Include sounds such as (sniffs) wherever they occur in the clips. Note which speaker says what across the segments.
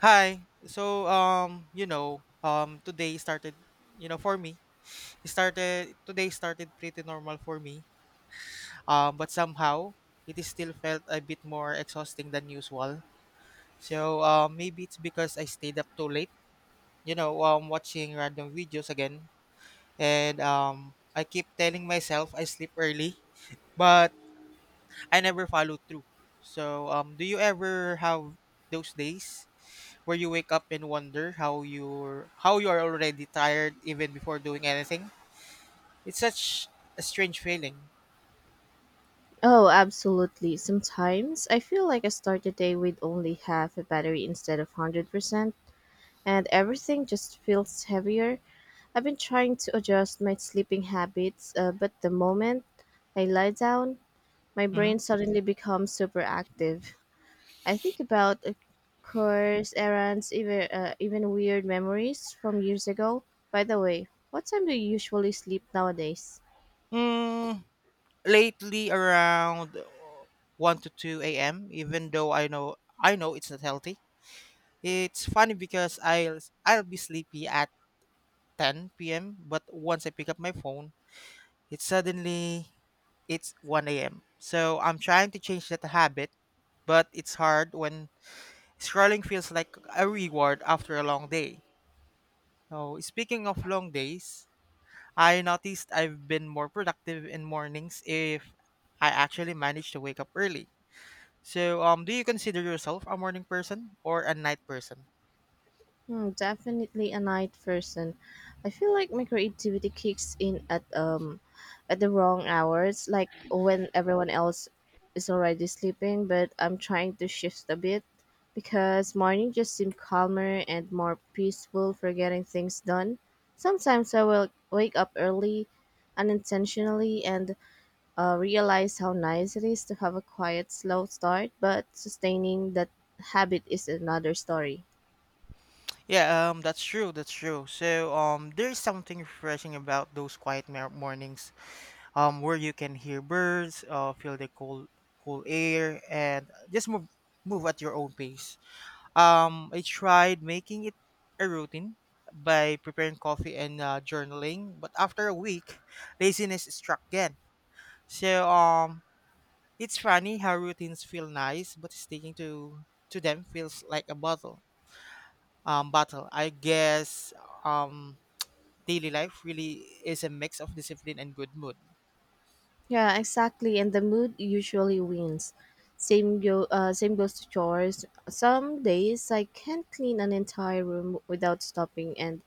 Speaker 1: Hi. Today started, for me. It started today started pretty normal for me. But somehow it is still felt a bit more exhausting than usual. So maybe it's because I stayed up too late, watching random videos again and I keep telling myself I sleep early, but I never follow through. So do you ever have those days where you wake up and wonder how you are already tired even before doing anything? It's such a strange feeling.
Speaker 2: Oh, absolutely. Sometimes I feel like I start the day with only half a battery instead of 100%, and everything just feels heavier. I've been trying to adjust my sleeping habits, but the moment I lie down, my
Speaker 1: Hmm.
Speaker 2: brain suddenly becomes super active. I think about course errands, even weird memories from years ago. By the way, what time do you usually sleep nowadays?
Speaker 1: Mm, lately, around one to two a.m. Even though I know it's not healthy. It's funny because I'll be sleepy at ten p.m. But once I pick up my phone, it's suddenly it's one a.m. So I'm trying to change that habit, but it's hard when scrolling feels like a reward after a long day. So, speaking of long days, I noticed I've been more productive in mornings if I actually manage to wake up early. So, do you consider yourself a morning person or a night person?
Speaker 2: Hmm, definitely a night person. I feel like my creativity kicks in at the wrong hours, like when everyone else is already sleeping, but I'm trying to shift a bit because morning just seem calmer and more peaceful for getting things done. Sometimes I will wake up early unintentionally and realize how nice it is to have a quiet, slow start, but sustaining that habit is another story.
Speaker 1: Yeah, that's true. That's true. So, there's something refreshing about those quiet mornings, where you can hear birds, feel the cool air, and just move at your own pace. I tried making it a routine by preparing coffee and journaling, but after a week, laziness struck again. So um, it's funny how routines feel nice, but sticking to them feels like a bottle. Battle. I guess um, daily life really is a mix of discipline and good mood.
Speaker 2: Yeah, exactly. And the mood usually wins. Same goes to chores. Some days I can't clean an entire room without stopping, and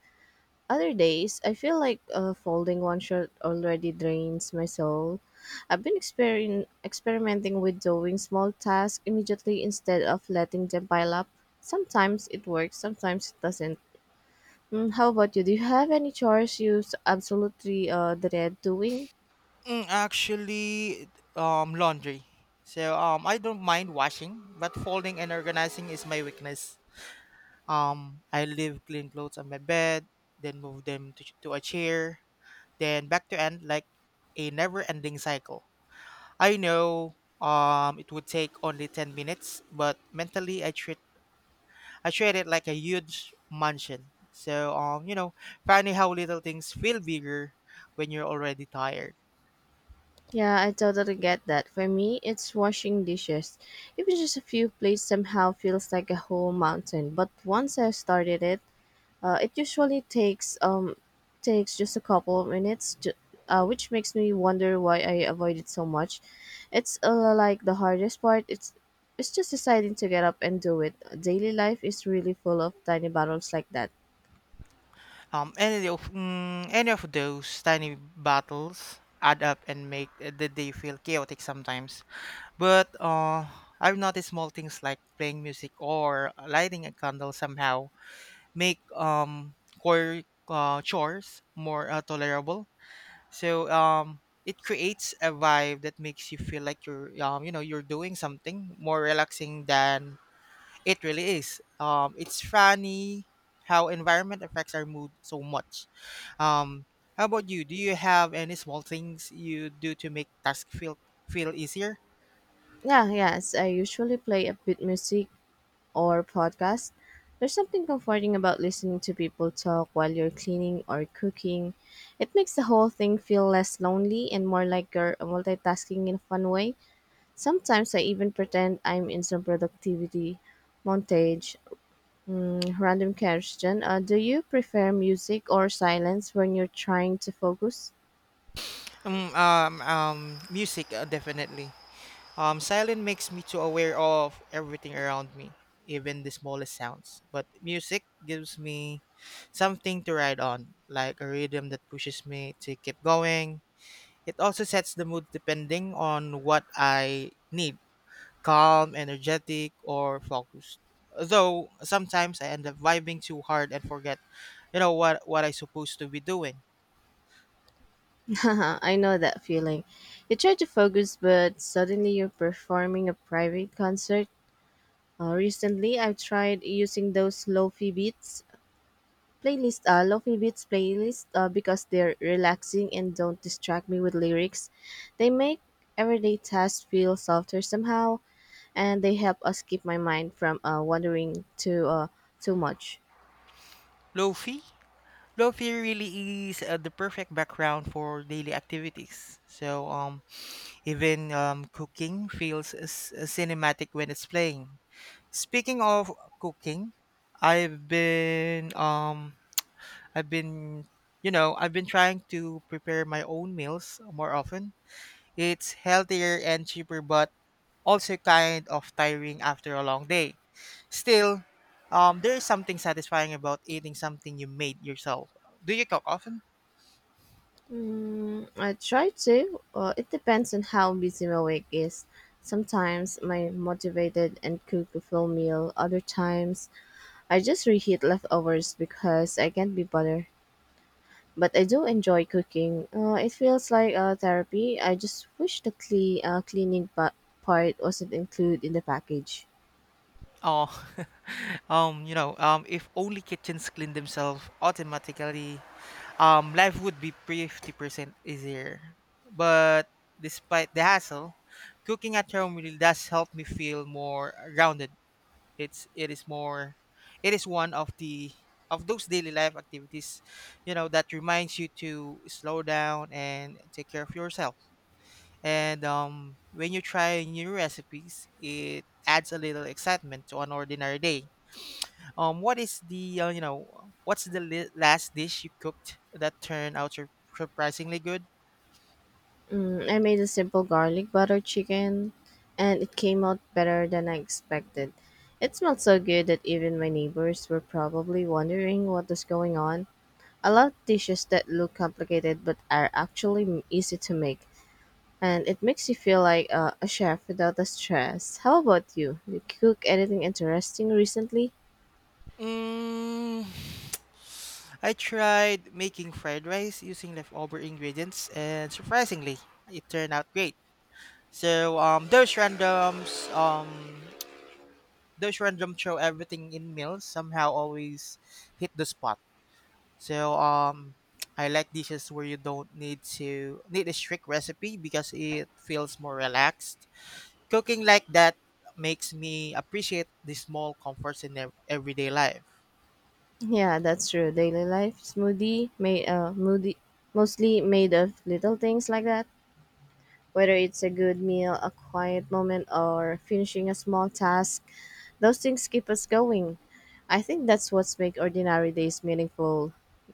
Speaker 2: other days I feel like folding one shirt already drains my soul. I've been experin experimenting with doing small tasks immediately instead of letting them pile up. Sometimes it works, sometimes it doesn't. Mm, how about you? Do you have any chores you absolutely dread doing?
Speaker 1: Mm, actually, laundry. I don't mind washing, but folding and organizing is my weakness. I leave clean clothes on my bed, then move them to a chair, then back to end like a never-ending cycle. I know it would take only 10 minutes, but mentally I treat it like a huge mansion. Funny how little things feel bigger when you're already tired.
Speaker 2: Yeah, I totally get that. For me, it's washing dishes. Even just a few plates somehow feels like a whole mountain. But once I started it, it usually takes just a couple of minutes, which makes me wonder why I avoid it so much. It's like the hardest part. It's just deciding to get up and do it. Daily life is really full of tiny battles like that.
Speaker 1: Any of those tiny battles add up and make the day feel chaotic sometimes. But I've noticed small things like playing music or lighting a candle somehow make core chores more tolerable. It creates a vibe that makes you feel like you're you know you're doing something more relaxing than it really is. It's funny how environment affects our mood so much. Um, how about you? Do you have any small things you do to make task feel easier?
Speaker 2: Yeah, yes. I usually play a bit music or podcast. There's something comforting about listening to people talk while you're cleaning or cooking. It makes the whole thing feel less lonely and more like you're multitasking in a fun way. Sometimes I even pretend I'm in some productivity montage. Mm, random question. Do you prefer music or silence when you're trying to focus?
Speaker 1: Um, um, um, Music, definitely. Silent makes me too aware of everything around me, even the smallest sounds. But music gives me something to ride on, like a rhythm that pushes me to keep going. It also sets the mood depending on what I need: calm, energetic, or focused. Though sometimes I end up vibing too hard and forget, what I supposed to be doing.
Speaker 2: (laughs) I know that feeling. You try to focus, but suddenly you're performing a private concert. Recently, I've tried using those lofi beats playlist, because they're relaxing and don't distract me with lyrics. They make everyday tasks feel softer somehow, and they help us keep my mind from wandering to too much.
Speaker 1: Lofi? Lofi really is the perfect background for daily activities. So even Cooking feels cinematic when it's playing. Speaking of cooking, I've been um, I've been, I've been trying to prepare my own meals more often. It's healthier and cheaper, but also kind of tiring after a long day. Still, there is something satisfying about eating something you made yourself. Do you cook often?
Speaker 2: Mm, I try to. It depends on how busy my week is. Sometimes my motivated and cook a full meal. Other times I just reheat leftovers because I can't be bothered, but I do enjoy cooking. It feels like therapy. I just wish the cleaning part wasn't included in the package.
Speaker 1: Oh, (laughs) if only kitchens clean themselves automatically, life would be 50% easier. But despite the hassle, cooking at home really does help me feel more grounded. It's it is more, it is one of those daily life activities, that reminds you to slow down and take care of yourself. And when you try new recipes, it adds a little excitement to an ordinary day. What's the last dish you cooked that turned out surprisingly good?
Speaker 2: Mm, I made a simple garlic butter chicken, and it came out better than I expected. It smelled so good that even my neighbors were probably wondering what was going on. I love dishes that look complicated but are actually easy to make, and it makes you feel like a chef without the stress. How about you? Did you cook anything interesting recently?
Speaker 1: Mm, (sighs) (sniffs) I tried making fried rice using leftover ingredients, and surprisingly, it turned out great. So those randoms (tsk) Those random throw everything in meals somehow always hit the spot. So um, (tsk) I like dishes where you don't need to need a strict recipe because it feels more relaxed. Cooking like that makes me appreciate the small comforts in everyday life.
Speaker 2: Yeah, that's true. Daily life smoothie made moody, mostly made of little things like that. Whether it's a good meal, a quiet moment, or finishing a small task, those things keep us going. I think that's what's make ordinary days meaningful.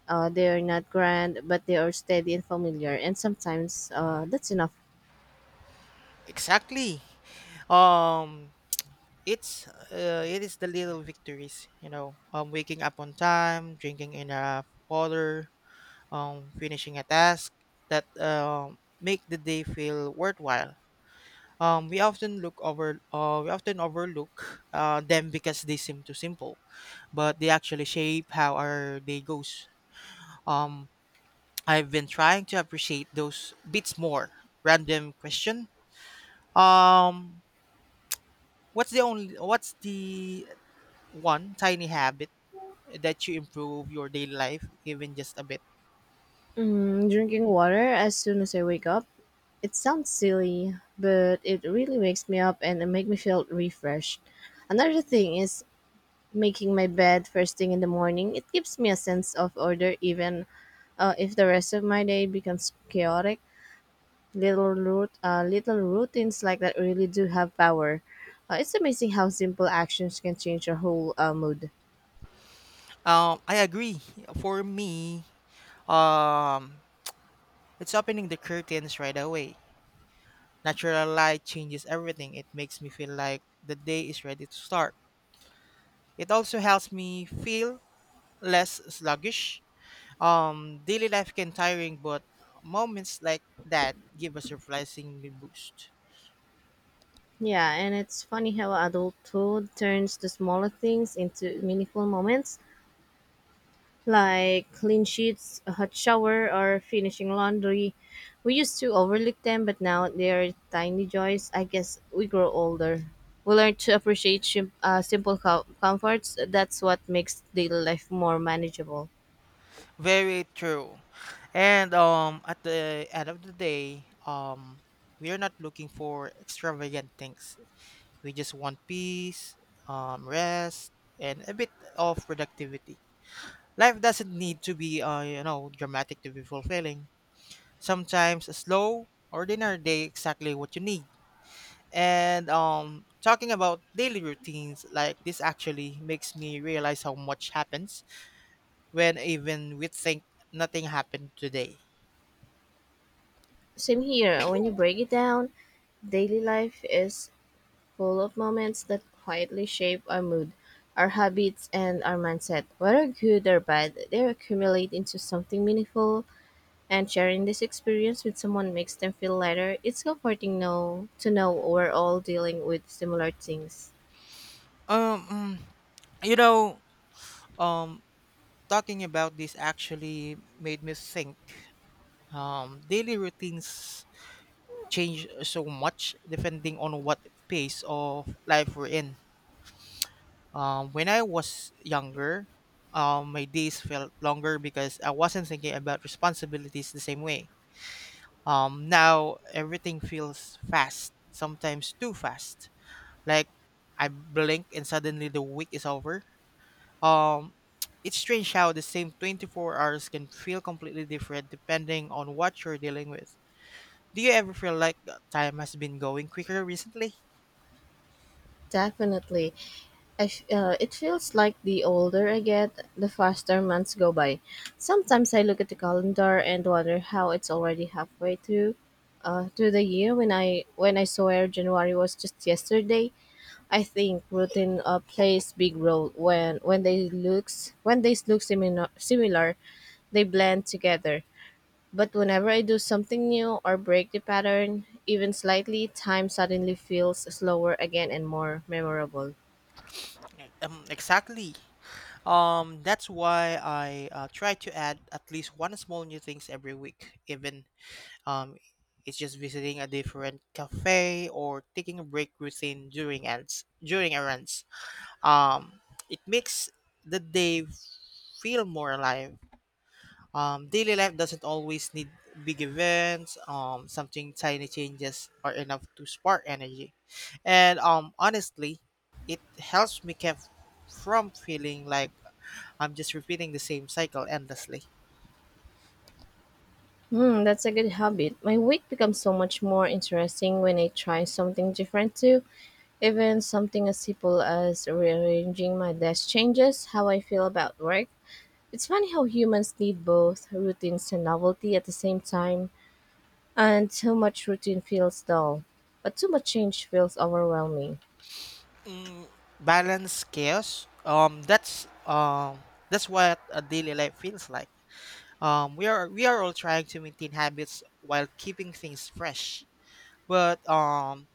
Speaker 2: They are not grand, but they are steady and familiar, and sometimes that's enough.
Speaker 1: Exactly. Um, it is the little victories, waking up on time, drinking enough water, finishing a task that make the day feel worthwhile. We often overlook them because they seem too simple, but they actually shape how our day goes. Um, I've been trying to appreciate those bits more. Random question. Um, what's the one tiny habit that you improve your daily life even just a bit?
Speaker 2: Mm, drinking water as soon as I wake up. It sounds silly, but it really wakes me up and it makes me feel refreshed. Another thing is making my bed first thing in the morning. It gives me a sense of order, even if the rest of my day becomes chaotic. Little routines like that really do have power. It's amazing how simple actions can change your whole mood.
Speaker 1: I agree. For me, um, it's opening the curtains right away. Natural light changes everything. It makes me feel like the day is ready to start. It also helps me feel less sluggish. Daily life can tiring, but moments like that give us a surprisingly boost.
Speaker 2: Yeah, and it's funny how adulthood turns the smaller things into meaningful moments, like clean sheets, a hot shower, or finishing laundry. We used to overlook them, but now they're tiny joys. I guess we grow older. We learn to appreciate simple comforts. That's what makes daily life more manageable.
Speaker 1: Very true. And at the end of the day, we are not looking for extravagant things. We just want peace, rest, and a bit of productivity. Life doesn't need to be, dramatic to be fulfilling. Sometimes a slow, ordinary day exactly what you need. And talking about daily routines, like this actually makes me realize how much happens when even we think nothing happened today.
Speaker 2: Same here. When you break it down, daily life is full of moments that quietly shape our mood, our habits, and our mindset. Whether good or bad, they accumulate into something meaningful, and sharing this experience with someone makes them feel lighter. It's comforting know to know we're all dealing with similar things.
Speaker 1: Um, mm, you know, um, Talking about this actually made me think. Daily routines change so much depending on what phase of life we're in. When I was younger, my days felt longer because I wasn't thinking about responsibilities the same way. Now everything feels fast, sometimes too fast. Like I blink and suddenly the week is over. Um, (tsk) it's strange how the same 24 hours can feel completely different depending on what you're dealing with. Do you ever feel like the time has been going quicker recently?
Speaker 2: Definitely, it feels like the older I get, the faster months go by. Sometimes I look at the calendar and wonder how it's already halfway through, through the year. When I swear January was just yesterday, I think routine plays big role when they look similar they blend together. But whenever I do something new or break the pattern, even slightly, time suddenly feels slower again and more memorable.
Speaker 1: Like, exactly. That's why I try to add at least one small new things every week. Even um, it's just visiting a different cafe or taking a break routine during ends during errands. Um, it makes the day feel more alive. Daily life doesn't always need big events. Something tiny changes are enough to spark energy, and honestly, it helps me keep from feeling like I'm just repeating the same cycle endlessly.
Speaker 2: Hmm, that's a good habit. My week becomes so much more interesting when I try something different too. Even something as simple as rearranging my desk changes how I feel about work. It's funny how humans need both routines and novelty at the same time, and too much routine feels dull, but too much change feels overwhelming.
Speaker 1: Balance, chaos. That's what a daily life feels like. We are all trying to maintain habits while keeping things fresh, but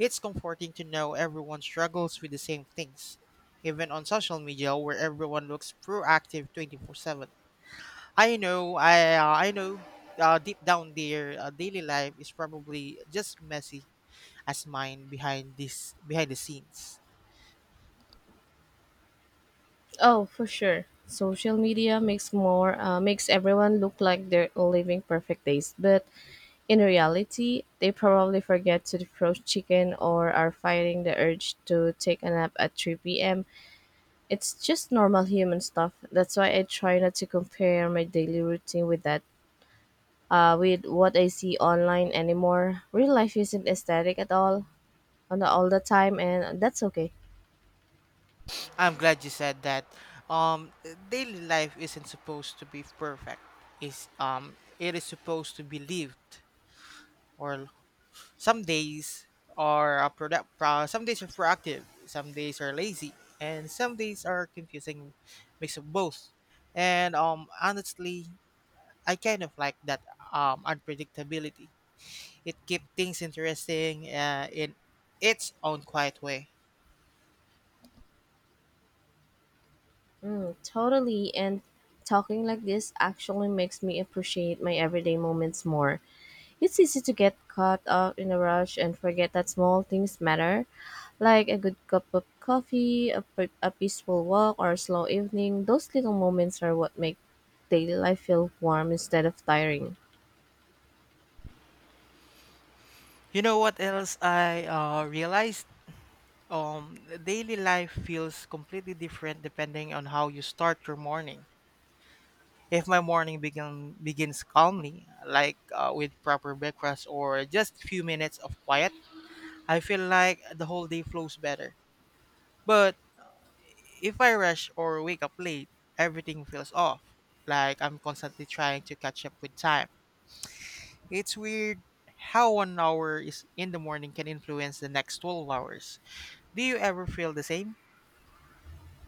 Speaker 1: it's comforting to know everyone struggles with the same things, even on social media where everyone looks proactive 24/7. I know, deep down their daily life is probably just messy as mine behind the scenes.
Speaker 2: Oh, for sure. Social media makes everyone look like they're living perfect days, but in reality, they probably forget to defrost chicken or are fighting the urge to take a nap at 3 p.m. It's just normal human stuff. That's why I try not to compare my daily routine with what I see online anymore. Real life isn't aesthetic at all, all the time, and that's okay.
Speaker 1: I'm glad you said that. Um, Daily life isn't supposed to be perfect. Is It is supposed to be lived. Or some days are product some days are proactive, some days are lazy, and some days are confusing mix of both. And honestly, I kind of like that unpredictability. It keeps things interesting in its own quiet way.
Speaker 2: Mm, totally. And talking like this actually makes me appreciate my everyday moments more. It's easy to get caught up in a rush and forget that small things matter, like a good cup of coffee, a peaceful walk, or a slow evening. Those little moments are what make daily life feel warm instead of tiring.
Speaker 1: You know what else I realized? um Daily life feels completely different depending on how you start your morning. If my morning begins calmly, like with proper breakfast or just few minutes of quiet, I feel like the whole day flows better. But if I rush or wake up late, everything feels off, like I'm constantly trying to catch up with time. It's weird how one hour is in the morning can influence the next 12 hours. Do you ever feel the same?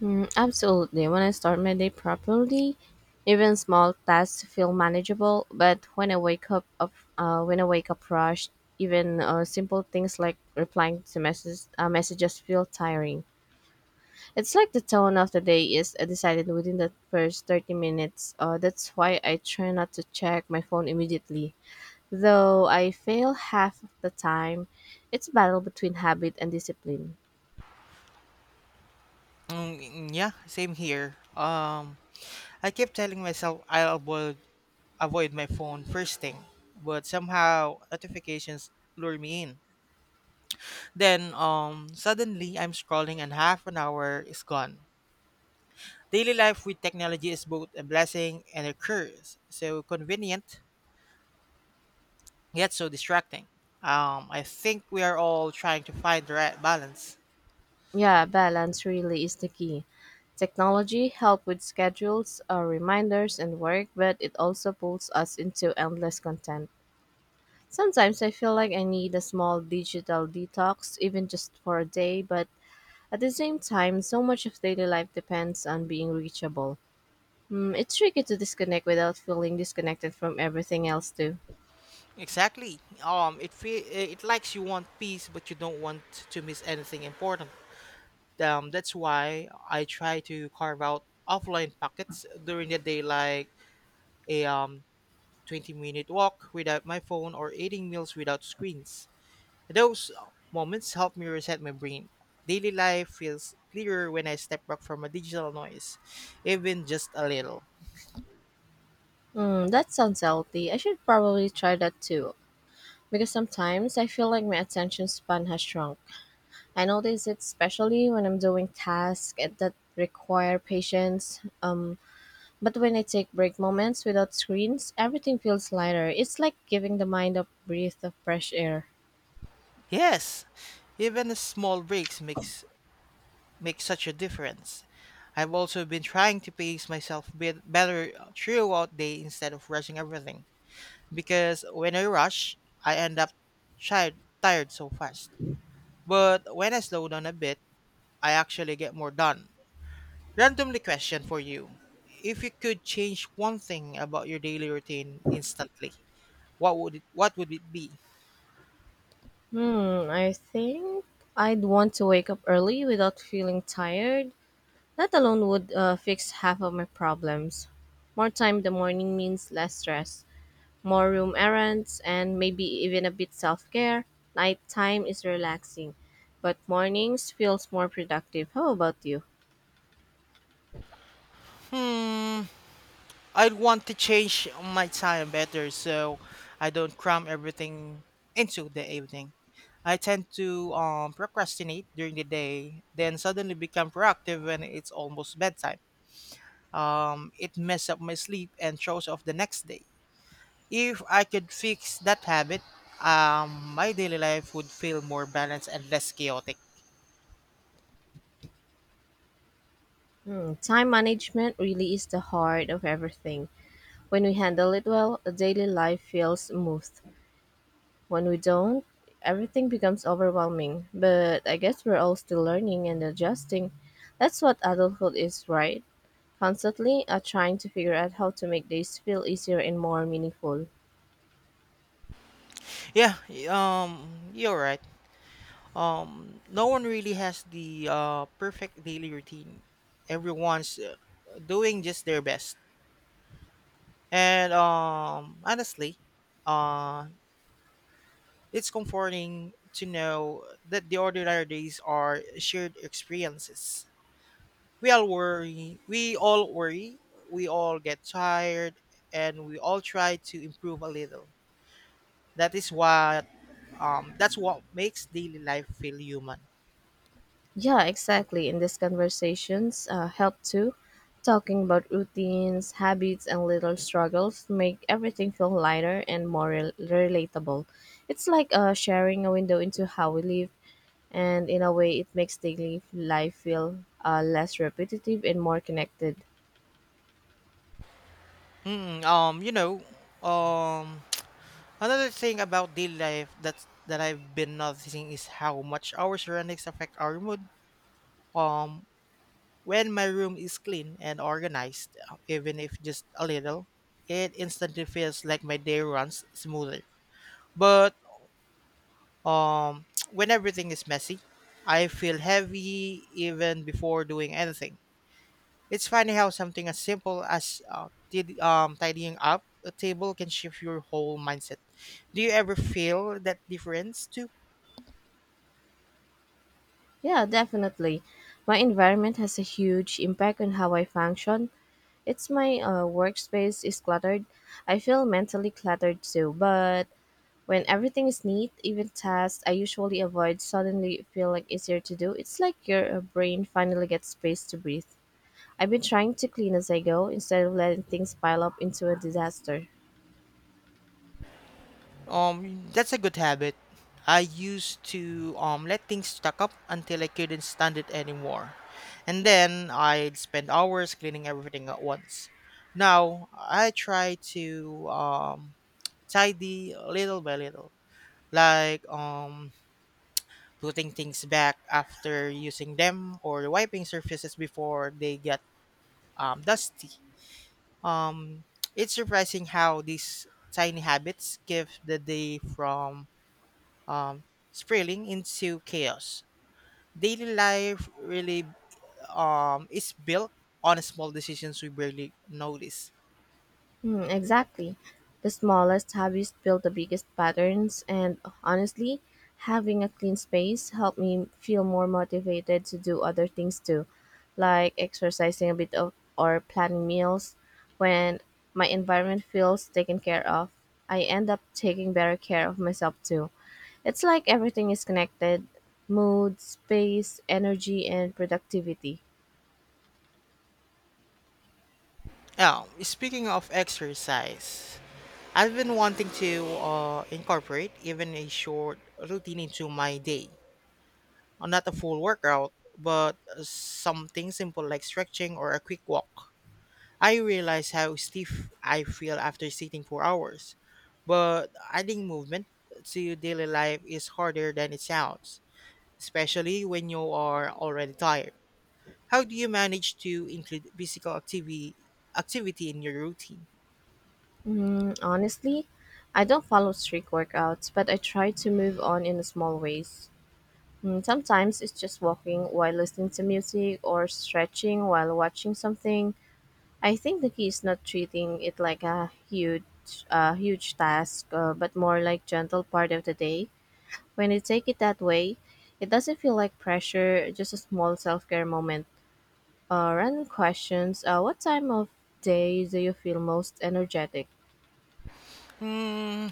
Speaker 2: Mm, absolutely. When I start my day properly, even small tasks feel manageable. But when I wake up rushed, even simple things like replying to messages feel tiring. It's like the tone of the day is decided within the first 30 minutes. That's why I try not to check my phone immediately. Though I fail half of the time, it's a battle between habit and discipline.
Speaker 1: Yeah, same here. I keep telling myself I'll avoid my phone first thing, but somehow notifications lure me in. Then suddenly I'm scrolling and half an hour is gone. Daily life with technology is both a blessing and a curse. So convenient yet so distracting. I think we are all trying to find the right balance.
Speaker 2: Yeah, balance really is the key. Technology help with schedules, reminders, and work, but it also pulls us into endless content. Sometimes I feel like I need a small digital detox, even just for a day, but at the same time, so much of daily life depends on being reachable. Mm, it's tricky to disconnect without feeling disconnected from everything else, too.
Speaker 1: Exactly. It likes you want peace but you don't want to miss anything important. That's why I try to carve out offline pockets during the day, like a 20-minute walk without my phone or eating meals without screens. Those Moments help me reset my brain. Daily life feels clearer when I step back from a digital noise, even just a little.
Speaker 2: Mm, that sounds healthy. I should probably try that too, because sometimes I feel like my attention span has shrunk. I notice it especially when I'm doing tasks that require patience. But when I take break moments without screens, everything feels lighter. It's like giving the mind a breath of fresh air.
Speaker 1: Yes, even small breaks makes make such a difference. I've also been trying to pace myself bit better throughout day instead of rushing everything because when I rush, I end up tired so fast. But when I slow down a bit, I actually get more done. Randomly question for you. If you could change one thing about your daily routine instantly, what would it be?
Speaker 2: Hmm, I think I'd want to wake up early without feeling tired. That alone would fix half of my problems. More time in the morning means less stress, more room errands, and maybe even a bit self care. Nighttime is relaxing, but mornings feels more productive. How about you?
Speaker 1: Hmm I'd want to change my time better so I don't cram everything into the evening. I tend to procrastinate during the day, then suddenly become proactive when it's almost bedtime. It messes up my sleep and throws off the next day. If I could fix that habit, my daily life would feel more balanced and less chaotic.
Speaker 2: Hmm, time management really is the heart of everything. When we handle it well, a daily life feels smooth. When we don't, everything becomes overwhelming. But I guess we're all still learning and adjusting. That's what adulthood is, right? Constantly trying to figure out how to make days feel easier and more meaningful.
Speaker 1: Yeah, you're right. No one really has the perfect daily routine. Everyone's doing just their best. And honestly, uh, it's comforting to know that the ordinary days are shared experiences. We all worry, we all get tired, and we all try to improve a little. That is what that's what makes daily life feel human.
Speaker 2: Yeah, exactly. In these conversations, help too. Talking about routines, habits, and little struggles make everything feel lighter and more relatable. It's like sharing a window into how we live, and in a way, it makes daily life feel less repetitive and more connected.
Speaker 1: Mm, um, you know, um, (tsk) Another thing about daily life that I've been noticing is how much our surroundings affect our mood. Um, when my room is clean and organized, even if just a little, it instantly feels like my day runs smoother. But (tsk) when everything is messy, I feel heavy even before doing anything. It's funny how something as simple as tidying up a table can shift your whole mindset. Do you ever feel that difference too?
Speaker 2: Yeah, definitely. My environment has a huge impact on how I function. It's my workspace is cluttered. I feel mentally cluttered too, but when everything is neat, even tasks I usually avoid suddenly feel like easier to do. It's like your brain finally gets space to breathe. I've been trying to clean as I go instead of letting things pile up into a disaster.
Speaker 1: That's a good habit. I used to let things stack up until I couldn't stand it anymore. And then I'd spend hours cleaning everything at once. Now I try to tidy little by little, like putting things back after using them or wiping surfaces before they get dusty. Um, it's surprising how these tiny habits give the day from um, spiraling into chaos. Daily life really is built on small decisions we barely notice.
Speaker 2: Hmm, exactly. The smallest hobbies build the biggest patterns, and honestly, having a clean space helped me feel more motivated to do other things too, like exercising a bit of, or planning meals. When my environment feels taken care of, I end up taking better care of myself too. It's like everything is connected mood, space, energy, and productivity.
Speaker 1: Now, speaking of exercise, I've been wanting to incorporate even a short routine into my day. Not a full workout, but something simple like stretching or a quick walk. I realize how stiff I feel after sitting for hours, but adding movement to your daily life is harder than it sounds, especially when you are already tired. How do you manage to include physical activity in your routine?
Speaker 2: Honestly, I don't follow strict workouts, but I try to move on in small ways. Sometimes it's just walking while listening to music or stretching while watching something. I think the key is not treating it like a huge task, but more like gentle part of the day. When you take it that way, it doesn't feel like pressure, just a small self-care moment. Random questions. What time of day do you feel most energetic?
Speaker 1: Hmm,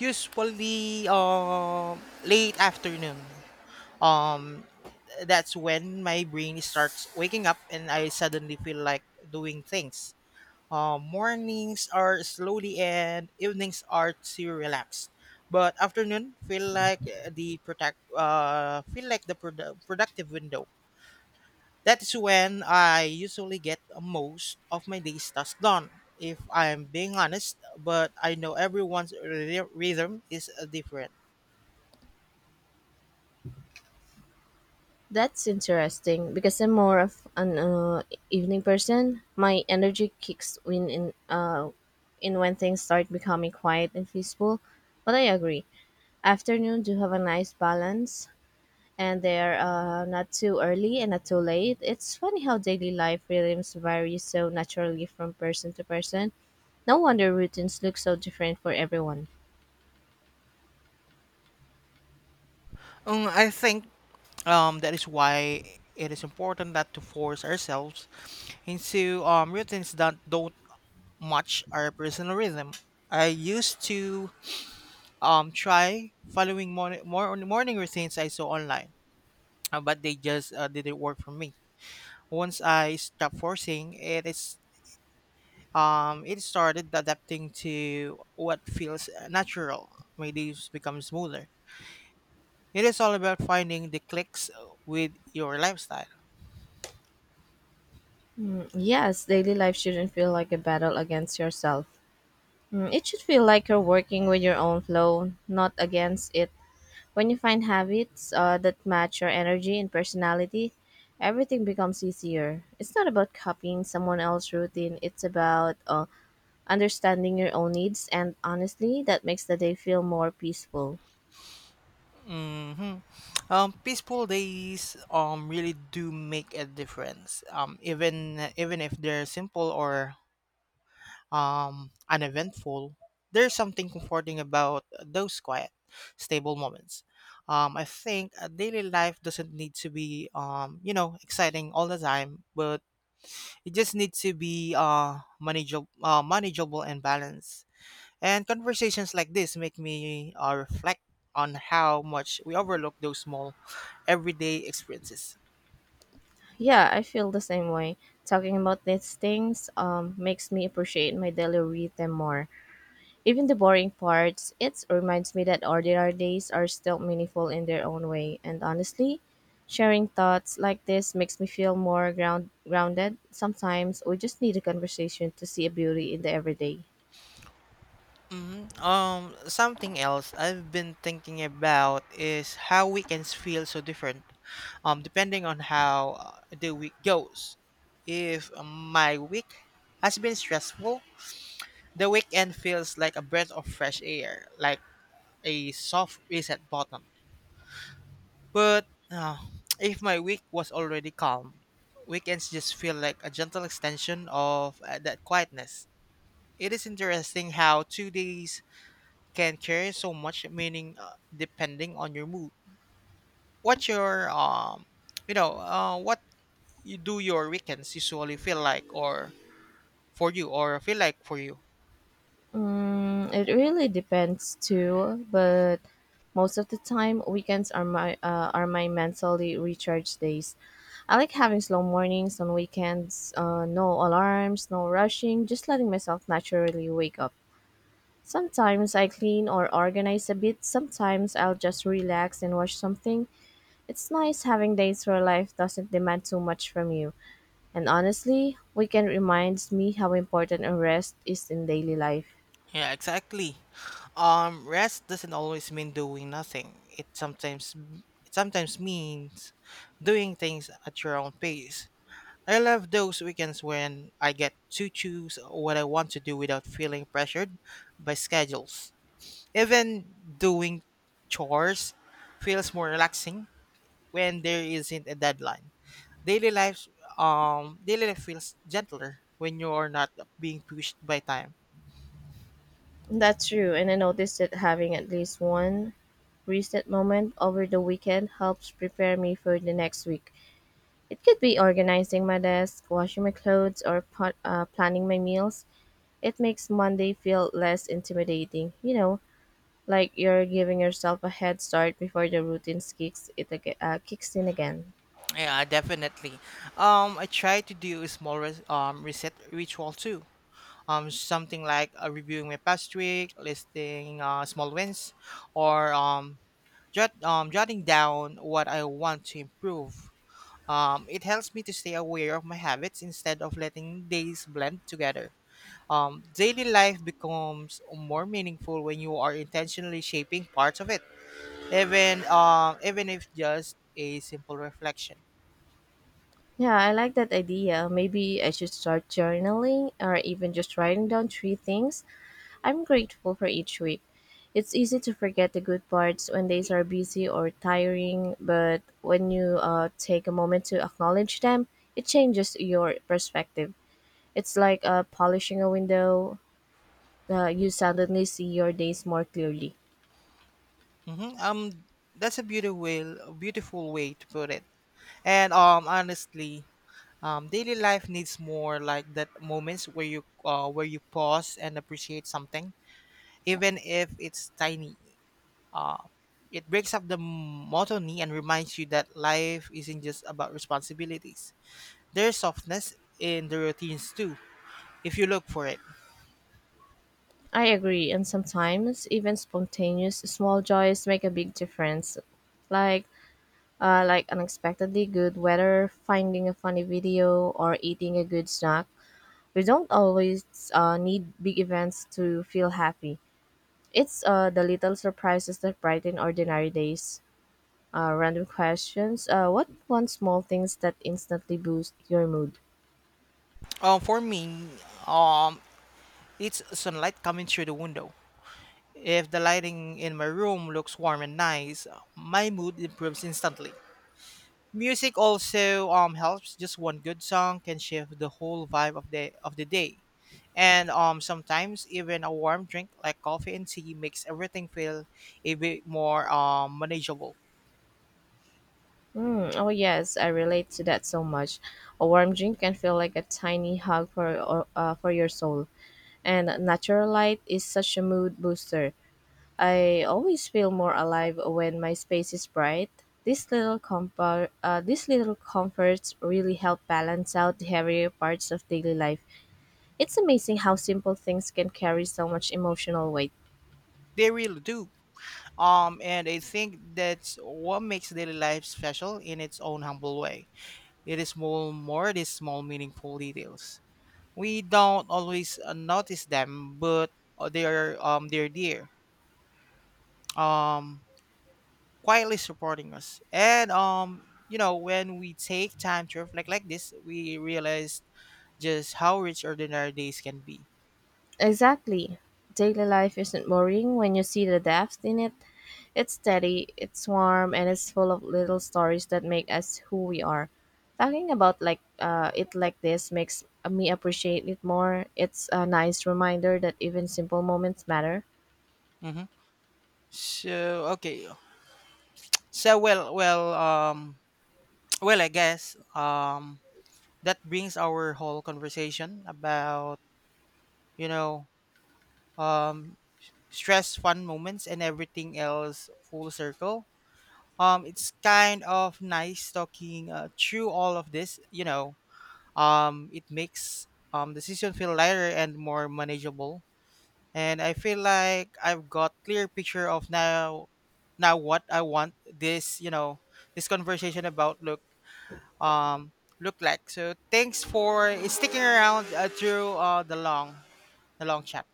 Speaker 1: Usually, late afternoon. Um, that's when my brain starts waking up and I suddenly feel like doing things. Mornings are slowly and evenings are too relaxed. But afternoon feel like the productive window. That is when I usually get most of my day's tasks done. If I'm being honest, but I know everyone's rhythm is different.
Speaker 2: That's interesting because I'm more of an evening person. My energy kicks uh, in when things start becoming quiet and peaceful. But I agree, afternoon do have a nice balance, and they're not too early and not too late. It's funny how daily life rhythms vary so naturally from person to person. No wonder routines look so different for everyone.
Speaker 1: I think that is why it is important that to force ourselves into routines that don't match our personal rhythm. I used to more morning routines I saw online, but they just didn't work for me. Once I stopped forcing, it started adapting to what feels natural. My days become smoother. It is all about finding the clicks with your lifestyle.
Speaker 2: Yes, daily life shouldn't feel like a battle against yourself. It should feel like you're working with your own flow, not against it. When you find habits that match your energy and personality, everything becomes easier. It's not about copying someone else's routine, it's about understanding your own needs, and honestly, that makes the day feel more peaceful.
Speaker 1: hmm Peaceful days really do make a difference. Even even if they're simple or uneventful, there's something comforting about those quiet, stable moments. I think daily life doesn't need to be exciting all the time, but it just needs to be manageable and balanced. And conversations like this make me reflect on how much we overlook those small everyday experiences.
Speaker 2: Yeah, I feel the same way. Talking about these things makes me appreciate my daily rhythm more. Even the boring parts, it reminds me that ordinary days are still meaningful in their own way. And honestly, sharing thoughts like this makes me feel more grounded. Sometimes we just need a conversation to see a beauty in the everyday.
Speaker 1: Mhm. Something else I've been thinking about is how weekends feel so different depending on how the week goes. If my week has been stressful, the weekend feels like a breath of fresh air, like a soft reset button. But (tsk) if my week was already calm, weekends just feel like a gentle extension of that quietness. It is interesting how 2 days can carry so much meaning depending on your mood. What your you know, what you do your weekends usually feel like, or for you, or feel like for you.
Speaker 2: It really depends too, but most of the time, weekends are my mentally recharge days. I like having slow mornings on weekends, no alarms, no rushing, just letting myself naturally wake up. Sometimes I clean or organize a bit, sometimes I'll just relax and watch something. It's nice having days where life doesn't demand too much from you. And honestly, weekend reminds me how important a rest is in daily life.
Speaker 1: Yeah, exactly. Rest doesn't always mean doing nothing. It sometimes means doing things at your own pace. I love those weekends when I get to choose what I want to do without feeling pressured by schedules. Even doing chores feels more relaxing when there isn't a deadline. Daily life Daily life feels gentler when you're not being pushed by time.
Speaker 2: That's true, and I noticed that having at least one reset moment over the weekend helps prepare me for the next week. It could be organizing my desk, washing my clothes, or planning my meals. It makes Monday feel less intimidating. You know, like you're giving yourself a head start before the routine kicks in again.
Speaker 1: Yeah, definitely. I try to do a small reset ritual too, something like reviewing my past week, listing small wins, or jotting down what I want to improve. It helps me to stay aware of my habits instead of letting days blend together. Daily life becomes more meaningful when you are intentionally shaping parts of it, even if just a simple reflection.
Speaker 2: Yeah, I like that idea. Maybe I should start journaling or even just writing down three things I'm grateful for each week. It's easy to forget the good parts when days are busy or tiring, but when you take a moment to acknowledge them, it changes your perspective. It's like polishing a window. You suddenly see your days more clearly.
Speaker 1: Hmm that's a beautiful way to put it. And honestly, daily life needs more like that moments where you pause and appreciate something, even if it's tiny. Uh, it breaks up the monotony and reminds you that life isn't just about responsibilities. There's softness in the routines too, if you look for it.
Speaker 2: I agree, and sometimes even spontaneous small joys make a big difference. Like like unexpectedly good weather, finding a funny video, or eating a good snack. We don't always need big events to feel happy. It's the little surprises that brighten ordinary days. Random questions. What one small things that instantly boost your mood?
Speaker 1: For me, um, it's sunlight coming through the window. If the lighting in my room looks warm and nice, my mood improves instantly. Music also helps. Just one good song can shift the whole vibe of the day. And sometimes even a warm drink like coffee and tea makes everything feel a bit more manageable.
Speaker 2: Oh yes, I relate to that so much. A warm drink can feel like a tiny hug for your soul, and natural light is such a mood booster. I always feel more alive when my space is bright. These little comforts really help balance out the heavier parts of daily life. It's amazing how simple things can carry so much emotional weight.
Speaker 1: They really do. And I think that's what makes daily life special in its own humble way. It is more these small meaningful details. We don't always notice them, but they're dear. Um Quietly supporting us. And you know, when we take time to reflect like this, we realize just how rich ordinary days can be.
Speaker 2: Exactly. Daily life isn't boring when you see the depth in it. It's steady, it's warm, and it's full of little stories that make us who we are. Talking about like it like this makes me appreciate it more. It's a nice reminder that even simple moments matter.
Speaker 1: Mm-hmm. So okay. So well, well, um, (tsk) I guess that brings our whole conversation about you know um stress fun moments and everything else full circle. It's kind of nice talking through all of this, you know. It makes decision feel lighter and more manageable, and I feel like I've got clear picture of now what I want this, you know, this conversation about um, look like. So thanks for sticking around through the long chat.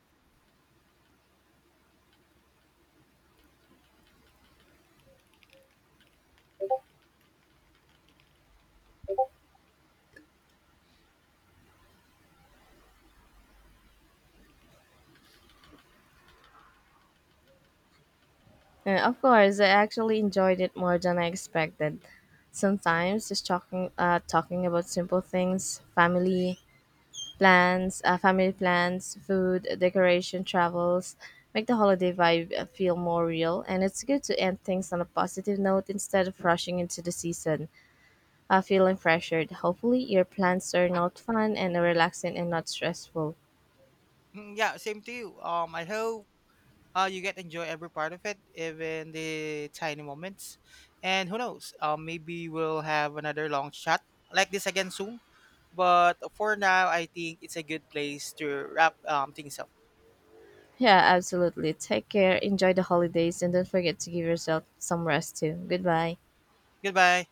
Speaker 2: And of course, I actually enjoyed it more than I expected. Sometimes just talking about simple things, family, plans, family plans, food, decoration, travels make the holiday vibe feel more real, and it's good to end things on a positive note instead of rushing into the season, feeling pressured. Hopefully, your plans turn out fun and relaxing and not stressful.
Speaker 1: Yeah, same to you. I hope you get enjoy every part of it, even the tiny moments. And who knows? Maybe we'll have another long chat like this again soon. But for now, I think it's a good place to wrap things up.
Speaker 2: Yeah, absolutely. Take care, enjoy the holidays, and don't forget to give yourself some rest too. Goodbye.
Speaker 1: Goodbye.